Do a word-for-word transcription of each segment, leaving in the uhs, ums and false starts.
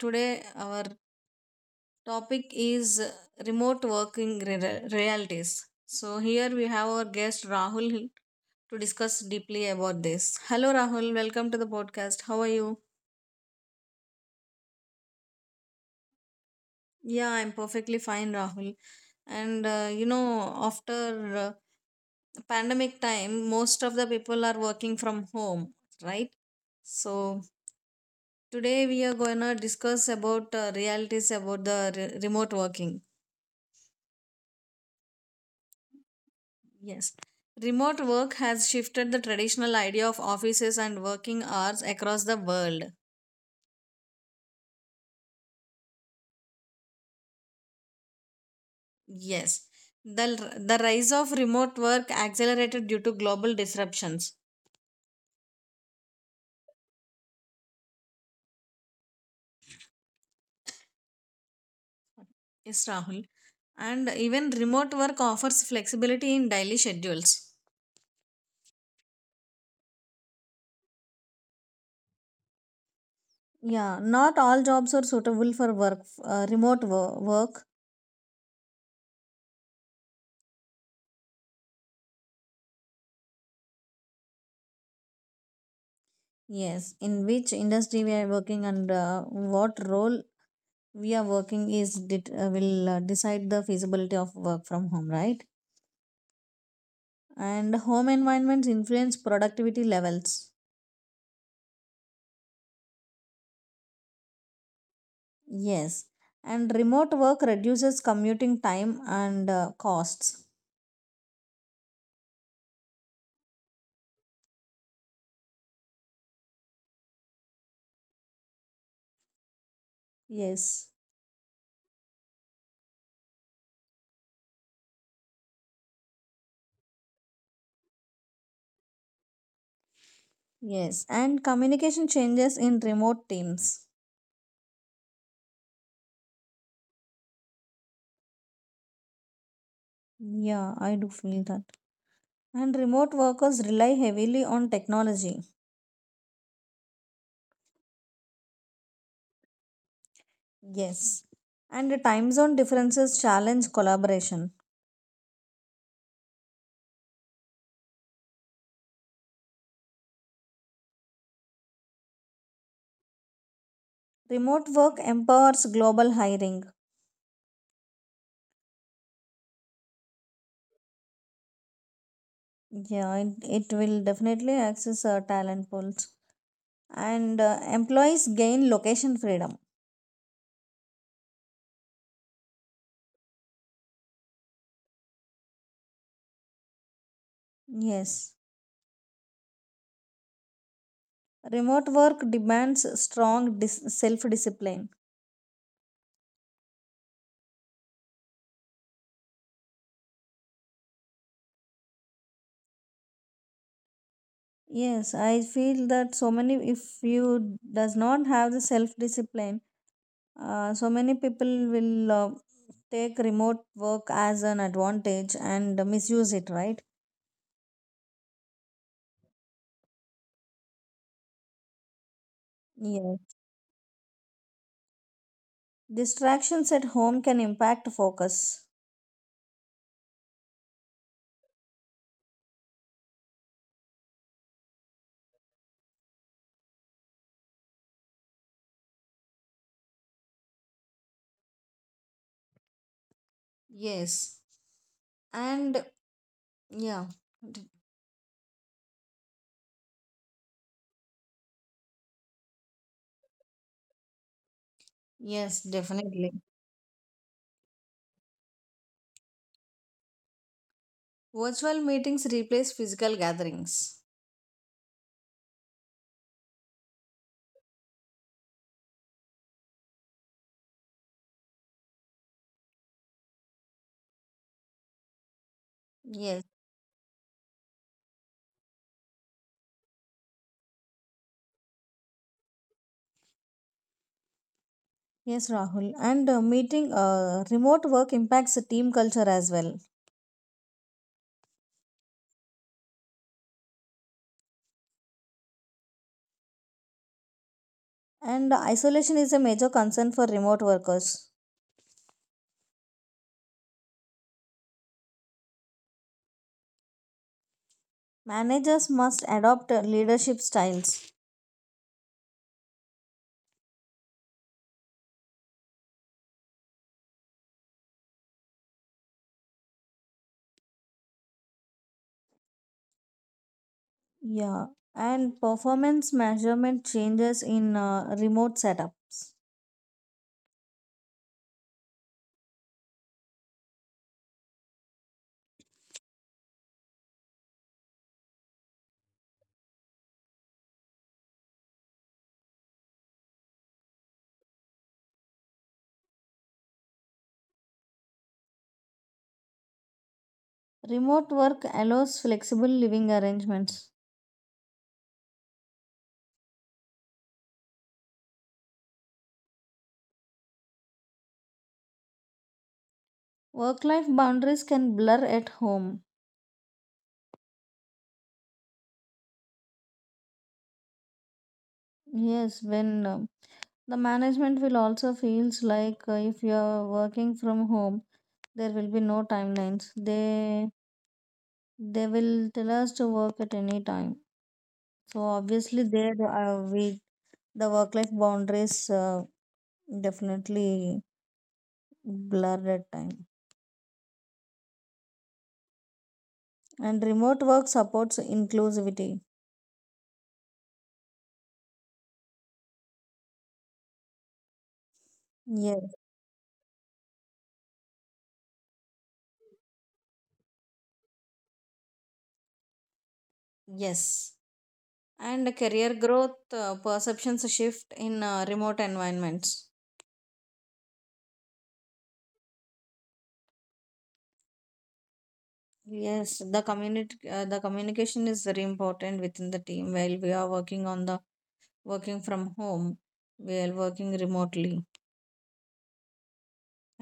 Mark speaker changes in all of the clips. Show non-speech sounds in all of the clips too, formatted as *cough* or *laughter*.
Speaker 1: Today our topic is uh, remote working re- realities. So here we have our guest Rahul to discuss deeply about this. Hello Rahul, welcome to the podcast. How are you? Yeah, I'm perfectly fine Rahul. And uh, you know, after uh, pandemic time, most of the people are working from home, right? So today we are going to discuss about uh, realities about the re- remote working. Yes. Remote work has shifted the traditional idea of offices and working hours across the world. Yes. The, the rise of remote work accelerated due to global disruptions. Yes, Rahul. And even remote work offers flexibility in daily schedules. Yeah, not all jobs are suitable for work uh, remote wo- work. Yes, in which industry we are working, and uh, what role we are working is det- uh, will uh, decide the feasibility of work from home, right? And home environments influence productivity levels. Yes. And remote work reduces commuting time and uh, costs. Yes, yes. And communication changes in remote teams. Yeah, I do feel that. And remote workers rely heavily on technology. Yes. And the time zone differences challenge collaboration. Remote work empowers global hiring. Yeah, it, it will definitely access uh, talent pools. And uh, employees gain location freedom. Yes. Remote work demands strong dis- self discipline. Yes, I feel that. So many, if you does not have the self discipline, uh, so many people will uh, take remote work as an advantage and misuse it, right? Yes. Distractions at home can impact focus. Yes. And yeah. d- Yes, definitely. Virtual meetings replace physical gatherings. Yes. Yes, Rahul. And uh, meeting uh, remote work impacts the team culture as well. And uh, isolation is a major concern for remote workers. Managers must adopt uh, leadership styles. Yeah. And performance measurement changes in uh, remote setup. Remote work allows flexible living arrangements. Work life boundaries can blur at home. Yes, when uh, The management will also feels like uh, if you are working from home, there will be no timelines. They they will tell us to work at any time. So obviously, there uh, we the work life boundaries uh, definitely blurred at time. And remote work supports inclusivity. Yes. Yes. And career growth uh, perceptions shift in uh, remote environments. Yes, the community, uh, the communication is very important within the team while we are working on the working from home, we are working remotely.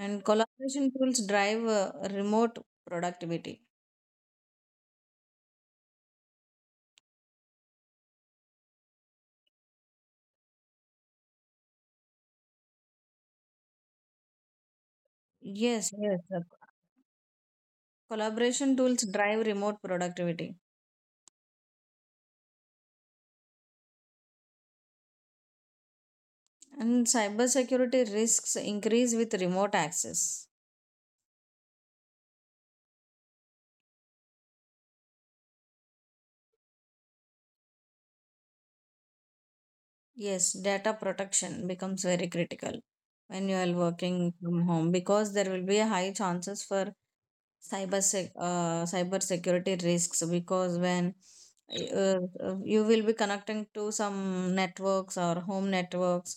Speaker 1: And collaboration tools drive uh, remote productivity. Yes, yes, uh, collaboration tools drive remote productivity. And cybersecurity risks increase with remote access. Yes, data protection becomes very critical when you are working from home, because there will be a high chances for cyber sec- uh, cyber security risks. Because when uh, uh, you will be connecting to some networks or home networks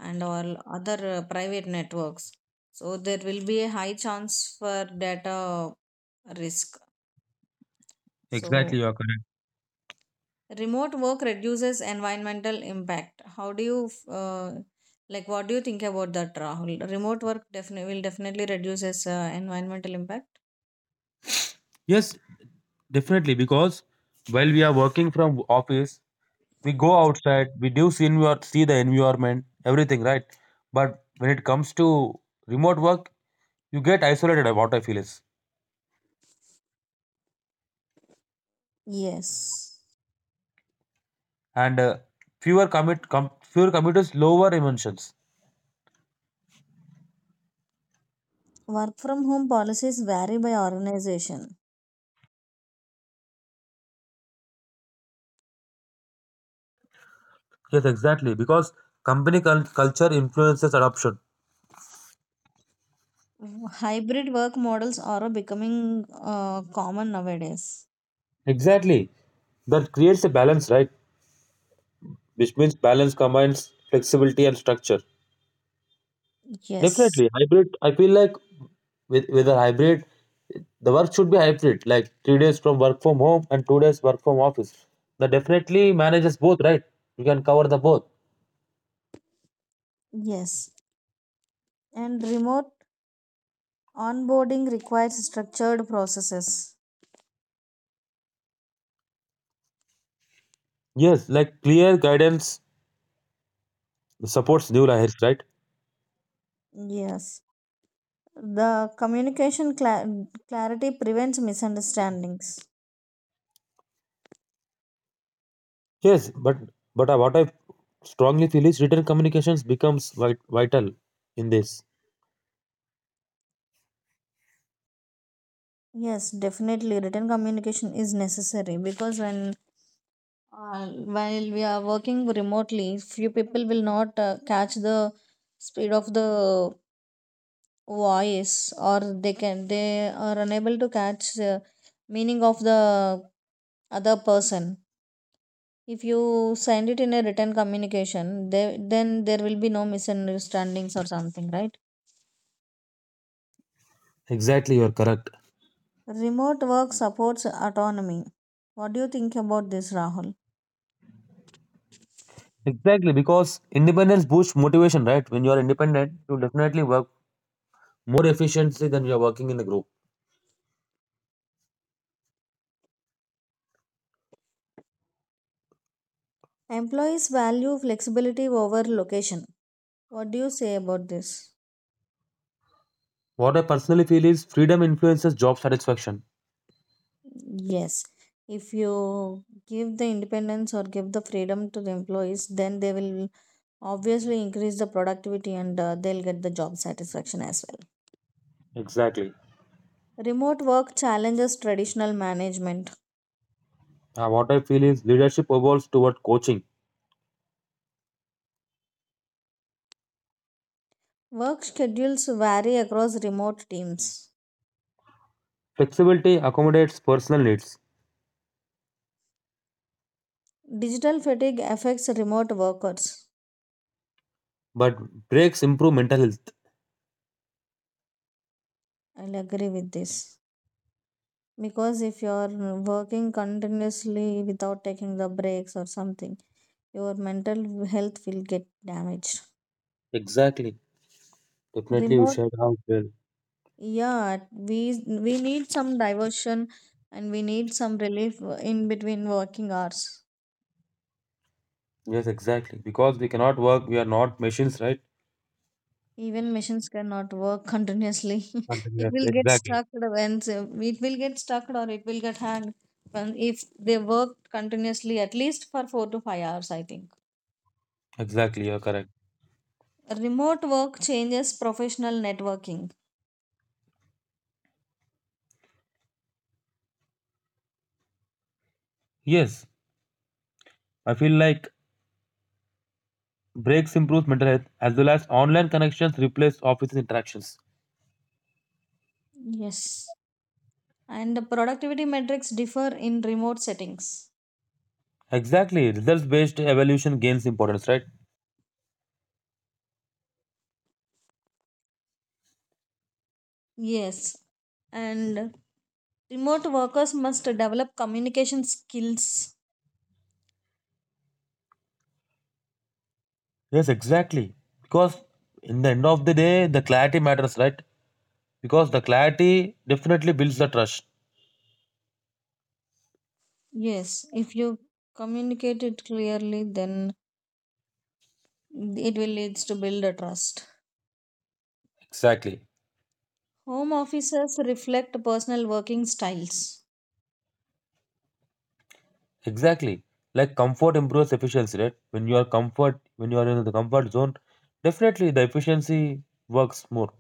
Speaker 1: and all other uh, private networks, so there will be a high chance for data risk.
Speaker 2: Exactly,
Speaker 1: So
Speaker 2: you are correct.
Speaker 1: remote work reduces environmental impact. How do you uh, like what do you think about that, Rahul? Remote work definitely will definitely reduces uh, environmental impact.
Speaker 2: Yes, definitely. Because while we are working from office, we go outside, we do see, envir- see the environment, everything, right? But when it comes to remote work, you get isolated. What I feel is,
Speaker 1: Yes.
Speaker 2: and uh, fewer commit, com- fewer commuters, lower emissions.
Speaker 1: Work from home policies vary by organization.
Speaker 2: Yes, exactly. Because company cul- culture influences adoption.
Speaker 1: Hybrid work models are becoming uh, common nowadays.
Speaker 2: Exactly, that creates a balance, right? Which means balance combines flexibility and structure.
Speaker 1: Yes,
Speaker 2: Definitely, hybrid. I feel like with with a hybrid, the work should be hybrid, like three days from work from home and two days work from office. That definitely manages both, right? You can cover the both.
Speaker 1: yes. And remote onboarding requires structured processes.
Speaker 2: Yes, like clear guidance supports new hires, right?
Speaker 1: Yes. The communication cla- clarity prevents misunderstandings.
Speaker 2: Yes, but but I- what I strongly feel is written communications becomes vit- vital in this.
Speaker 1: Yes, definitely. Written communication is necessary, because when uh, while we are working remotely, few people will not uh, catch the speed of the voice, or they can they are unable to catch the meaning of the other person. If you send it in a written communication, they, then there will be no misunderstandings or something, right?
Speaker 2: Exactly, you're correct.
Speaker 1: Remote work supports autonomy. What do you think about this, Rahul?
Speaker 2: Exactly, because independence boosts motivation, right? When you are independent, you definitely work more efficiently than you are working in a group.
Speaker 1: Employees value flexibility over location. What do you say about this?
Speaker 2: What I personally feel is freedom influences job satisfaction.
Speaker 1: Yes, if you give the independence or give the freedom to the employees, then they will obviously increase the productivity, and uh, they'll get the job satisfaction as well.
Speaker 2: Exactly.
Speaker 1: Remote work challenges traditional management.
Speaker 2: Uh, what I feel is leadership evolves toward coaching.
Speaker 1: Work schedules vary across remote teams.
Speaker 2: Flexibility accommodates personal needs,
Speaker 1: Digital fatigue affects remote workers.
Speaker 2: but breaks improve mental health.
Speaker 1: I'll agree with this. Because if you're working continuously without taking the breaks or something, your mental health will get damaged.
Speaker 2: Exactly. Definitely, you
Speaker 1: Remote
Speaker 2: should have well.
Speaker 1: Yeah, we we need some diversion, and we need some relief uh, in between working hours.
Speaker 2: Yes, exactly. Because we cannot work, we are not machines, right?
Speaker 1: Even machines cannot work continuously.
Speaker 2: And
Speaker 1: *laughs* It will get
Speaker 2: exactly.
Speaker 1: stuck when it will get stuck, or it will get hanged when if they work continuously at least for four to five hours, I think.
Speaker 2: Exactly, you're correct.
Speaker 1: Remote work changes professional networking.
Speaker 2: Yes, I feel like breaks improves mental health as well as online connections replace office interactions.
Speaker 1: Yes. And the productivity metrics differ in remote settings.
Speaker 2: Exactly, results based evaluation gains importance, right?
Speaker 1: Yes, and remote workers must develop communication skills.
Speaker 2: Yes, exactly. Because in the end of the day, the clarity matters, right? Because the clarity definitely builds the trust.
Speaker 1: Yes, if you communicate it clearly, then it will leads to build a trust.
Speaker 2: Exactly.
Speaker 1: Home offices reflect personal working styles.
Speaker 2: Exactly. Like comfort improves efficiency, right? When you are comfort, when you are in the comfort zone, definitely the efficiency works more.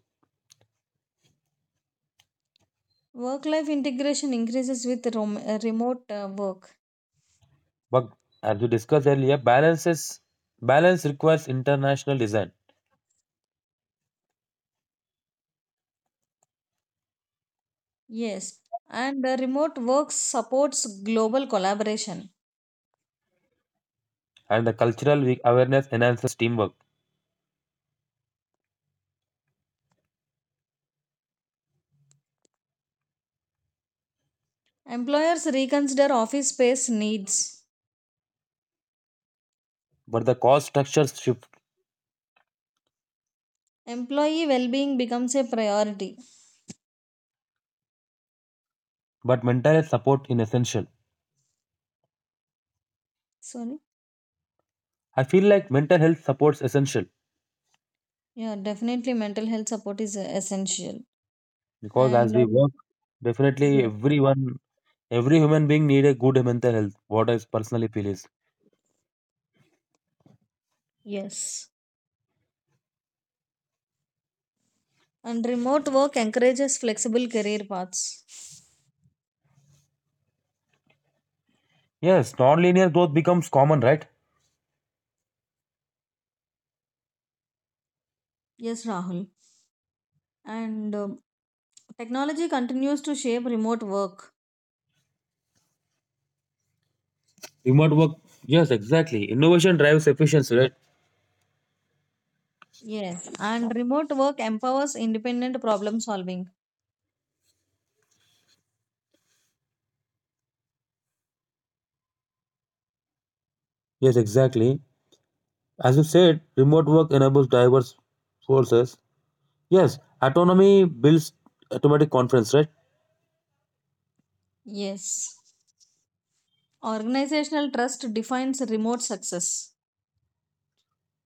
Speaker 1: Work life integration increases with rom- uh, remote uh, work.
Speaker 2: But as we discussed earlier, balances balance requires international design
Speaker 1: Yes, and uh, remote work supports global collaboration.
Speaker 2: and the cultural we- awareness enhances teamwork.
Speaker 1: Employers reconsider office space needs.
Speaker 2: But the cost structures shift.
Speaker 1: Employee well being becomes a priority.
Speaker 2: But mental health support in essential.
Speaker 1: Sorry.
Speaker 2: I feel like mental health supports essential.
Speaker 1: Yeah, definitely mental health support is uh, essential.
Speaker 2: Because as
Speaker 1: And
Speaker 2: we
Speaker 1: um,
Speaker 2: work, definitely
Speaker 1: yes,
Speaker 2: everyone, every human being need a good mental health. What I personally feel is
Speaker 1: yes. And remote work encourages flexible career paths.
Speaker 2: yes, non-linear growth becomes common, right?
Speaker 1: Yes, Rahul. And um, technology continues to shape remote work.
Speaker 2: Remote work, yes, exactly, innovation drives efficiency, right?
Speaker 1: Yes. And remote work empowers independent problem solving.
Speaker 2: Yes, exactly, as you said, remote work enables diverse sources. Yes, autonomy builds automatic confidence, right?
Speaker 1: Yes. Organizational trust defines remote success.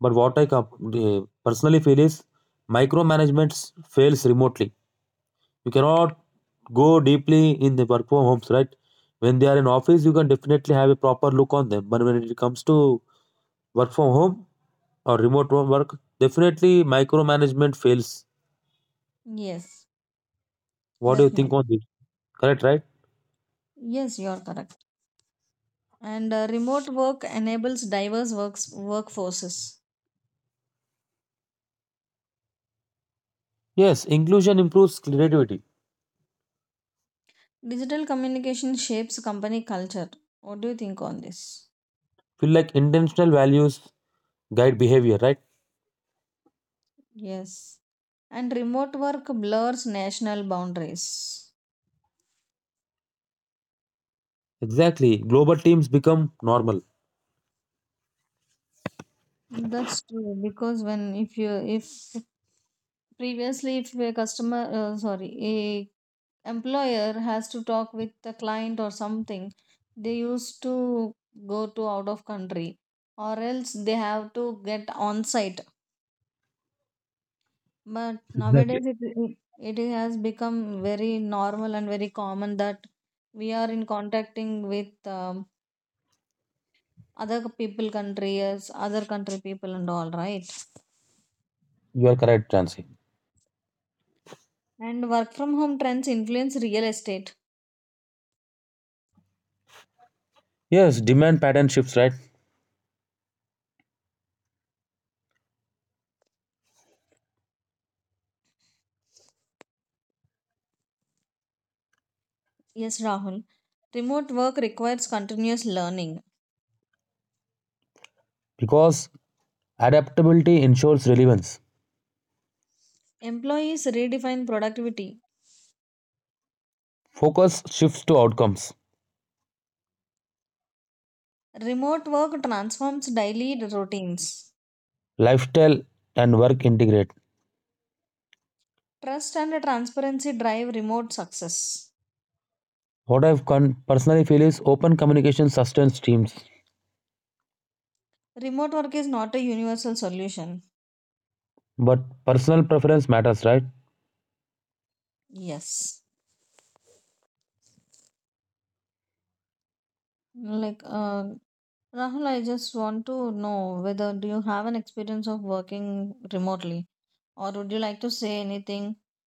Speaker 2: But what I com- eh, personally feel is micromanagement fails remotely. You cannot go deeply in the work from homes, right? When they are in office, you can definitely have a proper look on them. But when it comes to work from home or remote wo- work, definitely micromanagement fails.
Speaker 1: Yes,
Speaker 2: What do you think on
Speaker 1: definitely.
Speaker 2: this? Correct, right?
Speaker 1: Yes, you are correct. And uh, remote work enables diverse works workforces.
Speaker 2: Yes, inclusion improves creativity.
Speaker 1: Digital communication shapes company culture. What do you think on this?
Speaker 2: Feel like intentional values guide behavior, right?
Speaker 1: Yes. And remote work blurs national boundaries.
Speaker 2: Exactly. Global teams become normal.
Speaker 1: That's true, because when if you if previously if a customer, uh, sorry, a employer has to talk with the client or something, they used to go to out of country, or else they have to get on site. But
Speaker 2: Exactly.
Speaker 1: nowadays it, it it has become very normal and very common, that we are in contacting with um, other people countries, other country people and all, right?
Speaker 2: You are correct, Jansi.
Speaker 1: And work from home trends influence real estate.
Speaker 2: Yes, demand pattern shifts, right?
Speaker 1: Yes, Rahul. Remote work requires continuous learning.
Speaker 2: Because adaptability ensures relevance.
Speaker 1: Employees redefine productivity.
Speaker 2: Focus shifts to outcomes.
Speaker 1: Remote work transforms daily routines.
Speaker 2: Lifestyle and work integrate.
Speaker 1: Trust and transparency drive remote success.
Speaker 2: What I've con- personally feel is open communication sustains teams,
Speaker 1: Remote work is not a universal solution.
Speaker 2: but personal preference matters, right?
Speaker 1: Yes. Like, uh, Rahul, I just want to know whether do you have an experience of working remotely, or would you like to say anything,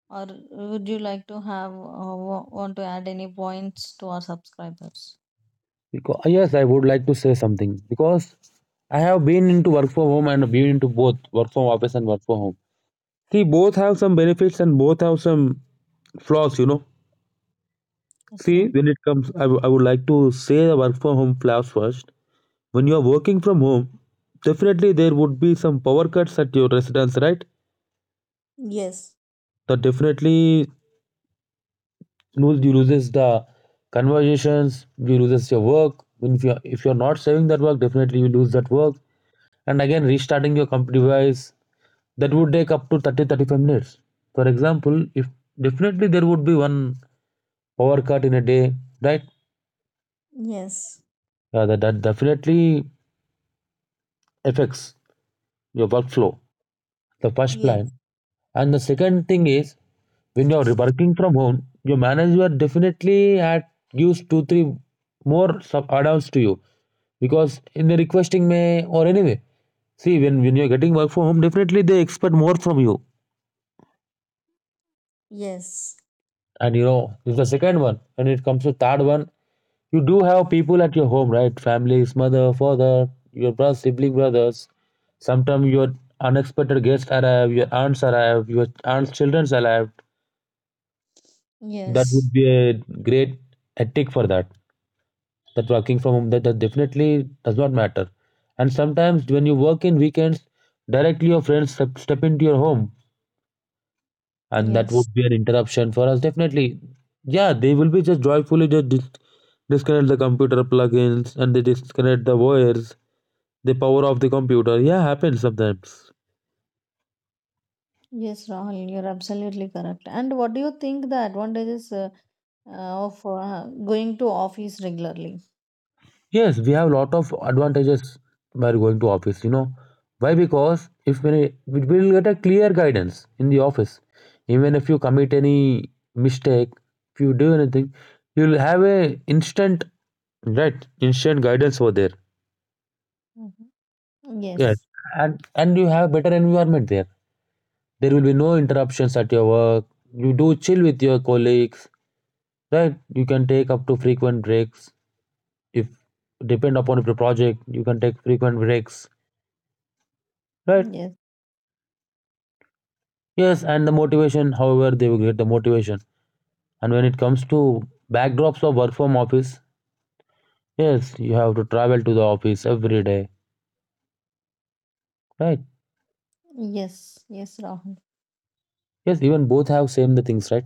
Speaker 1: or would you like to have uh, wa- want to add any points to our subscribers?
Speaker 2: Because ah, yes, I would like to say something because I have been into work from home and been into both work from office and work from home. See, both have some benefits and both have some flaws, you know. See,
Speaker 1: Okay.
Speaker 2: when it comes, I w- I would like to say the work from home flaws first. When you are working from home, definitely there would be some power cuts at your residence, right?
Speaker 1: Yes,
Speaker 2: That definitely lose you loses the conversations, you loses your work, if you're, if you're not saving that work, definitely you lose that work. And again restarting your comp device, that would take up to thirty thirty five minutes. For example, if definitely there would be one power cut in a day, right?
Speaker 1: yes,
Speaker 2: Yeah, that, that definitely affects your workflow, the first
Speaker 1: yes,
Speaker 2: plan. And the second thing is, when you're working from home, your manager definitely had gives two, three more sub add-ons to you because in the requesting may or anyway. See, when, when you're getting work from home, definitely they expect more from you.
Speaker 1: yes.
Speaker 2: And you know, this is the second one. When it comes to third one, you do have people at your home, right? Families, mother, father, your brother, sibling, brothers. Sometimes your unexpected guests arrive, your aunts arrive, your aunts' children's arrive. That
Speaker 1: Yes.
Speaker 2: would be a great ethic for that that working from home, that, that definitely does not matter. And sometimes when you work in weekends, directly your friends step, step into your home, and that
Speaker 1: Yes.
Speaker 2: would be an interruption for us definitely. Yeah, they will be just joyfully just dis- disconnect the computer plugins, and they disconnect the wires, they power off the computer. Yeah, happens sometimes.
Speaker 1: Yes, Rahul, you're absolutely correct. And what do you think the advantages uh, uh, of uh, going to office regularly?
Speaker 2: Yes, we have a lot of advantages by going to office, you know. Why? Because if we we will get a clear guidance in the office. Even if you commit any mistake, if you do anything, you'll have a instant right, instant guidance over there.
Speaker 1: Mhm.
Speaker 2: Yes.
Speaker 1: Yes.
Speaker 2: And and you have better environment there. There will be no interruptions at your work. You do chill with your colleagues, right? You can take up to frequent breaks. If depend upon the project, you can take frequent breaks, right?
Speaker 1: Yes.
Speaker 2: Yes, and the motivation, however, they will get the motivation. And when it comes to backdrops of work from office, yes, you have to travel to the office every day, right?
Speaker 1: Yes, yes, Rahul.
Speaker 2: Yes, even both have same the things, right?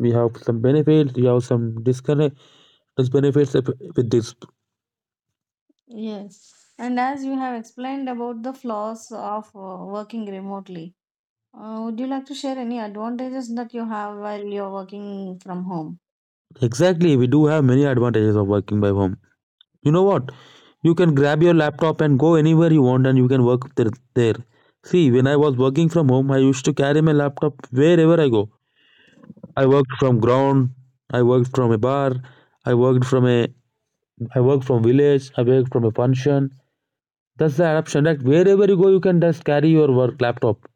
Speaker 2: We have some benefits, we have some disconnect dis- benefits of- with this.
Speaker 1: Yes. And as you have explained about the flaws of uh, working remotely, uh, would you like to share any advantages that you have while you're working from home?
Speaker 2: Exactly, we do have many advantages of working by home. You know what? You can grab your laptop and go anywhere you want, and you can work there. there. See, when I was working from home, I used to carry my laptop wherever I go. I worked from ground. I worked from a bar. I worked from a. I worked from village. I worked from a function. That's the adoption. Like wherever you go, you can just carry your work laptop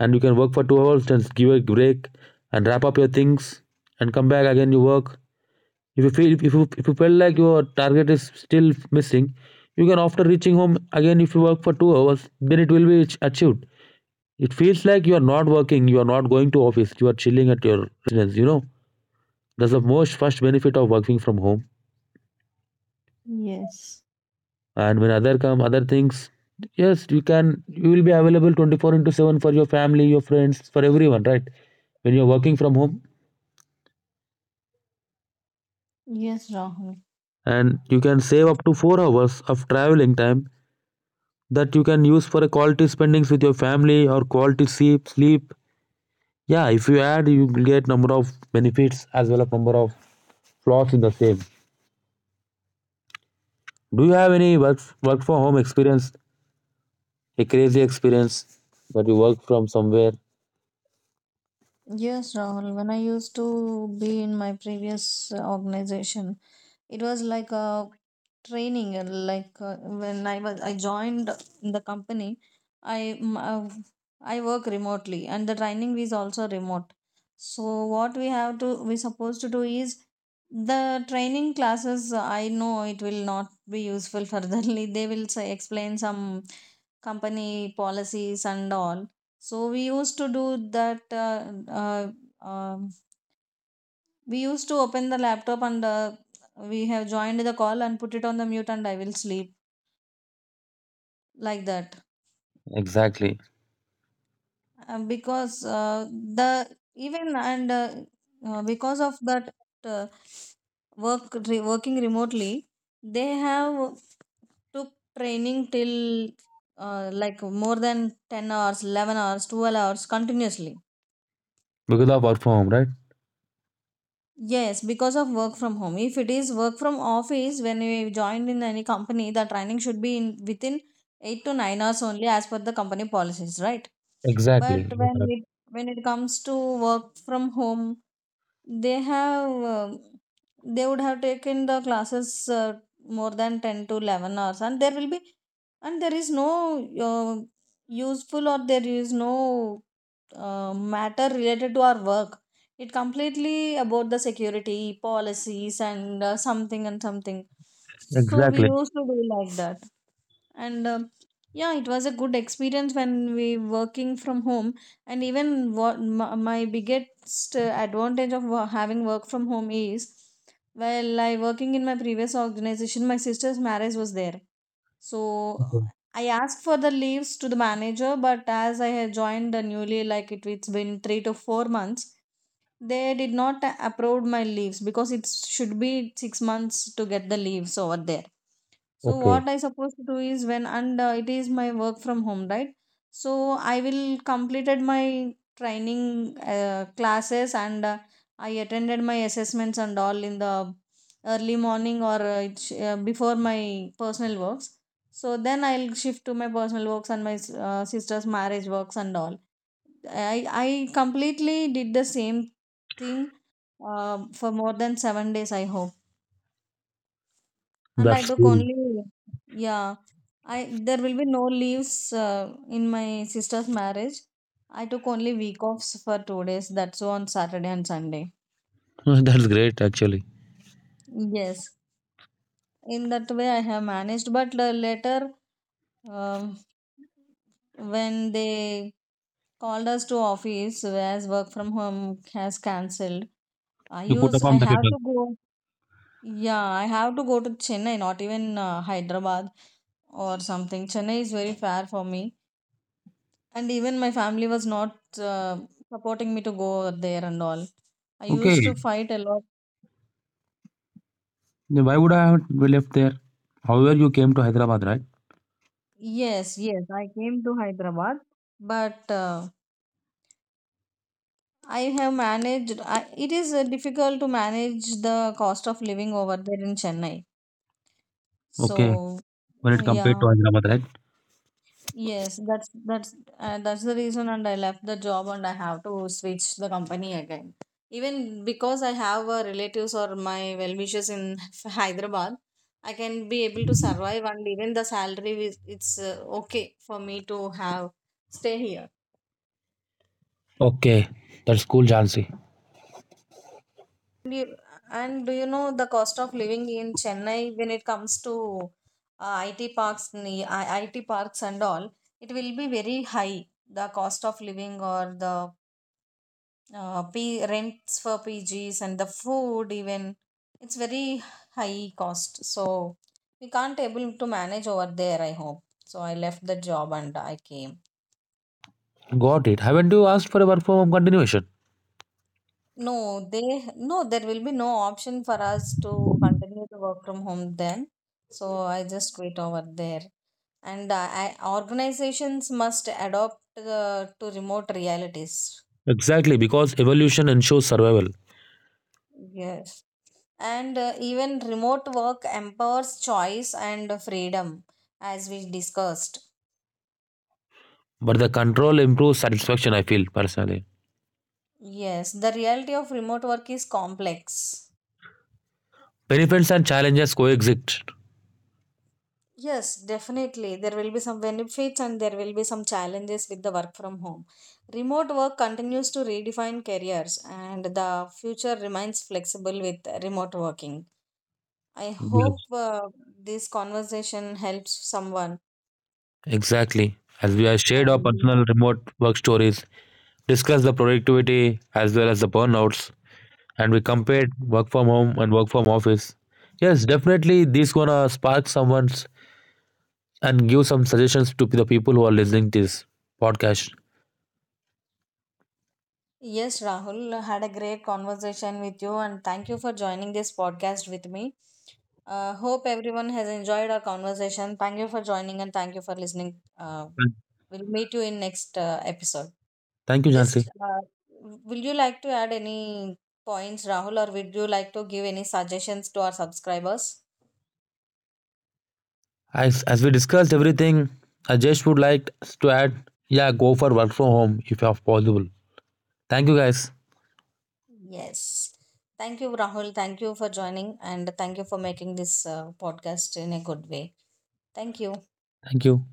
Speaker 2: and you can work for two hours, just give a break and wrap up your things and come back again. You work. If you feel if you if you felt like your target is still missing, you can after reaching home again. If you work for two hours, then it will be achieved. It feels like you are not working. You are not going to office. You are chilling at your residence. You know? That's the most first benefit of working from home.
Speaker 1: Yes.
Speaker 2: And when other come other things, yes, you can you will be available twenty-four into seven for your family, your friends, for everyone, right? When you're working from home,
Speaker 1: Yes, Rahul.
Speaker 2: and you can save up to four hours of traveling time that you can use for a quality spendings with your family or quality sleep, sleep. Yeah, if you add, you will get number of benefits as well as number of flaws in the same. Do you have any work work from home experience, a crazy experience that you work from somewhere?
Speaker 1: Yes, Rahul. When I used to be in my previous uh, organization, it was like a training. And like uh, when i was i joined the company, i m- uh, i work remotely, and the training is also remote. So what we have to we supposed to do is the training classes. I know it will not be useful. *laughs* Furtherly they will say explain some company policies and all. So we used to do that. uh, uh, um we used to open the laptop, and uh, we have joined the call and put it on the mute, and I will sleep like that.
Speaker 2: Exactly.
Speaker 1: Uh, because uh, the even and uh, uh, because of that uh, work re- working remotely, they have took training till uh, like more than ten hours, eleven hours, twelve hours continuously.
Speaker 2: Because of work from home, right?
Speaker 1: Yes, because of work from home. If it is work from office, when we joined in any company, the training should be in within eight to nine hours only, as per the company policies, right?
Speaker 2: Exactly.
Speaker 1: But
Speaker 2: You're
Speaker 1: when
Speaker 2: correct.
Speaker 1: it when it comes to work from home, they have um they would have taken the classes uh, more than ten to eleven hours. And there will be and there is no uh, useful, or there is no uh, matter related to our work. It completely about the security policies and uh, something and something. So we
Speaker 2: Exactly.
Speaker 1: used to do like that. And um yeah, it was a good experience when we working from home. And even what my, my biggest uh, advantage of wo- having work from home is, while I working in my previous organization, my sister's marriage was there. So uh,
Speaker 2: Okay.
Speaker 1: I asked for the leaves to the manager, but as I had joined the newly, like it, it's been three to four months, they did not approve my leaves, because it should be six months to get the leaves over there. So
Speaker 2: Okay.
Speaker 1: what I supposed to do is, when and uh, it is my work from home, right? So I will completed my training uh, classes, and uh, I attended my assessments and all in the early morning. Or uh, it sh- uh, before my personal works. So then I'll shift to my personal works and my s- uh, sister's marriage works and all. I, I completely did the same thing um, for more than seven days, I hope. And I
Speaker 2: That's
Speaker 1: took
Speaker 2: cool.
Speaker 1: only, yeah, I there will be no leaves uh, in my sister's marriage. I took only week offs for two days, that's on Saturday and Sunday.
Speaker 2: *laughs* That's great, actually.
Speaker 1: Yes, in that way I have managed. But uh, later, um, when they called us to office, whereas work from home has cancelled, I
Speaker 2: You put
Speaker 1: use
Speaker 2: up
Speaker 1: I
Speaker 2: on the
Speaker 1: have
Speaker 2: paper.
Speaker 1: to go. Yeah, I have to go to Chennai, not even uh, Hyderabad or something. Chennai is very far for me. And even my family was not uh, supporting me to go there and all. I
Speaker 2: Okay.
Speaker 1: used to fight a lot.
Speaker 2: Then why would I have we left there? However, you came to Hyderabad, right?
Speaker 1: Yes, yes, I came to Hyderabad, but uh, I have managed. I, it is uh, difficult to manage the cost of living over there in Chennai.
Speaker 2: Okay.
Speaker 1: So,
Speaker 2: When it compared
Speaker 1: yeah.
Speaker 2: to Hyderabad, right?
Speaker 1: Yes, that's that's uh, that's the reason, and I left the job, and I have to switch the company again. Even because I have uh, relatives or my well wishers in *laughs* Hyderabad, I can be able to survive, and even the salary is it's uh, okay for me to have stay here.
Speaker 2: Okay. That's cool, Jansi.
Speaker 1: And you, and do you know the cost of living in Chennai when it comes to uh, I T parks, ne- I- IT parks and all? It will be very high. The cost of living or the uh, P- rents for P Gs and the food even it's very high cost. So we can't able to manage over there, I hope. So I left the job, and I came.
Speaker 2: Got it. Haven't you asked for a work from home continuation?
Speaker 1: No, they no there will be no option for us to continue to work from home then. So I just quit over there, and uh, I, organizations must adopt the, to remote realities.
Speaker 2: Exactly, because evolution ensures survival,
Speaker 1: Yes. And uh, even remote work empowers choice and freedom, as we discussed.
Speaker 2: but the control improves satisfaction, I feel personally.
Speaker 1: Yes, the reality of remote work is complex.
Speaker 2: Benefits and challenges coexist.
Speaker 1: Yes, definitely. There will be some benefits and there will be some challenges with the work from home. Remote work continues to redefine careers, and the future remains flexible with remote working. I hope
Speaker 2: Yes.
Speaker 1: uh, this conversation helps someone.
Speaker 2: Exactly. As we have shared our
Speaker 1: And
Speaker 2: personal remote work stories, discussed the productivity as well as the burnouts, and we compared work from home and work from office. Yes, definitely these gonna spark someone's and give some suggestions to the people who are listening to this podcast.
Speaker 1: yes, Rahul, I had a great conversation with you, and thank you for joining this podcast with me. Uh, hope everyone has enjoyed our conversation. Thank you for joining and thank you for listening. Uh,
Speaker 2: And
Speaker 1: we'll meet you in next uh, episode.
Speaker 2: thank you, Jansi.
Speaker 1: Just uh, Will you like to add any points, Rahul, or would you like to give any suggestions to our subscribers?
Speaker 2: As, as we discussed everything, I just would like to add, yeah, go for work from home if you have possible. Thank you, guys.
Speaker 1: Yes. Thank you, Rahul. Thank you for joining and thank you for making this uh, podcast in a good way. Thank you.
Speaker 2: Thank you.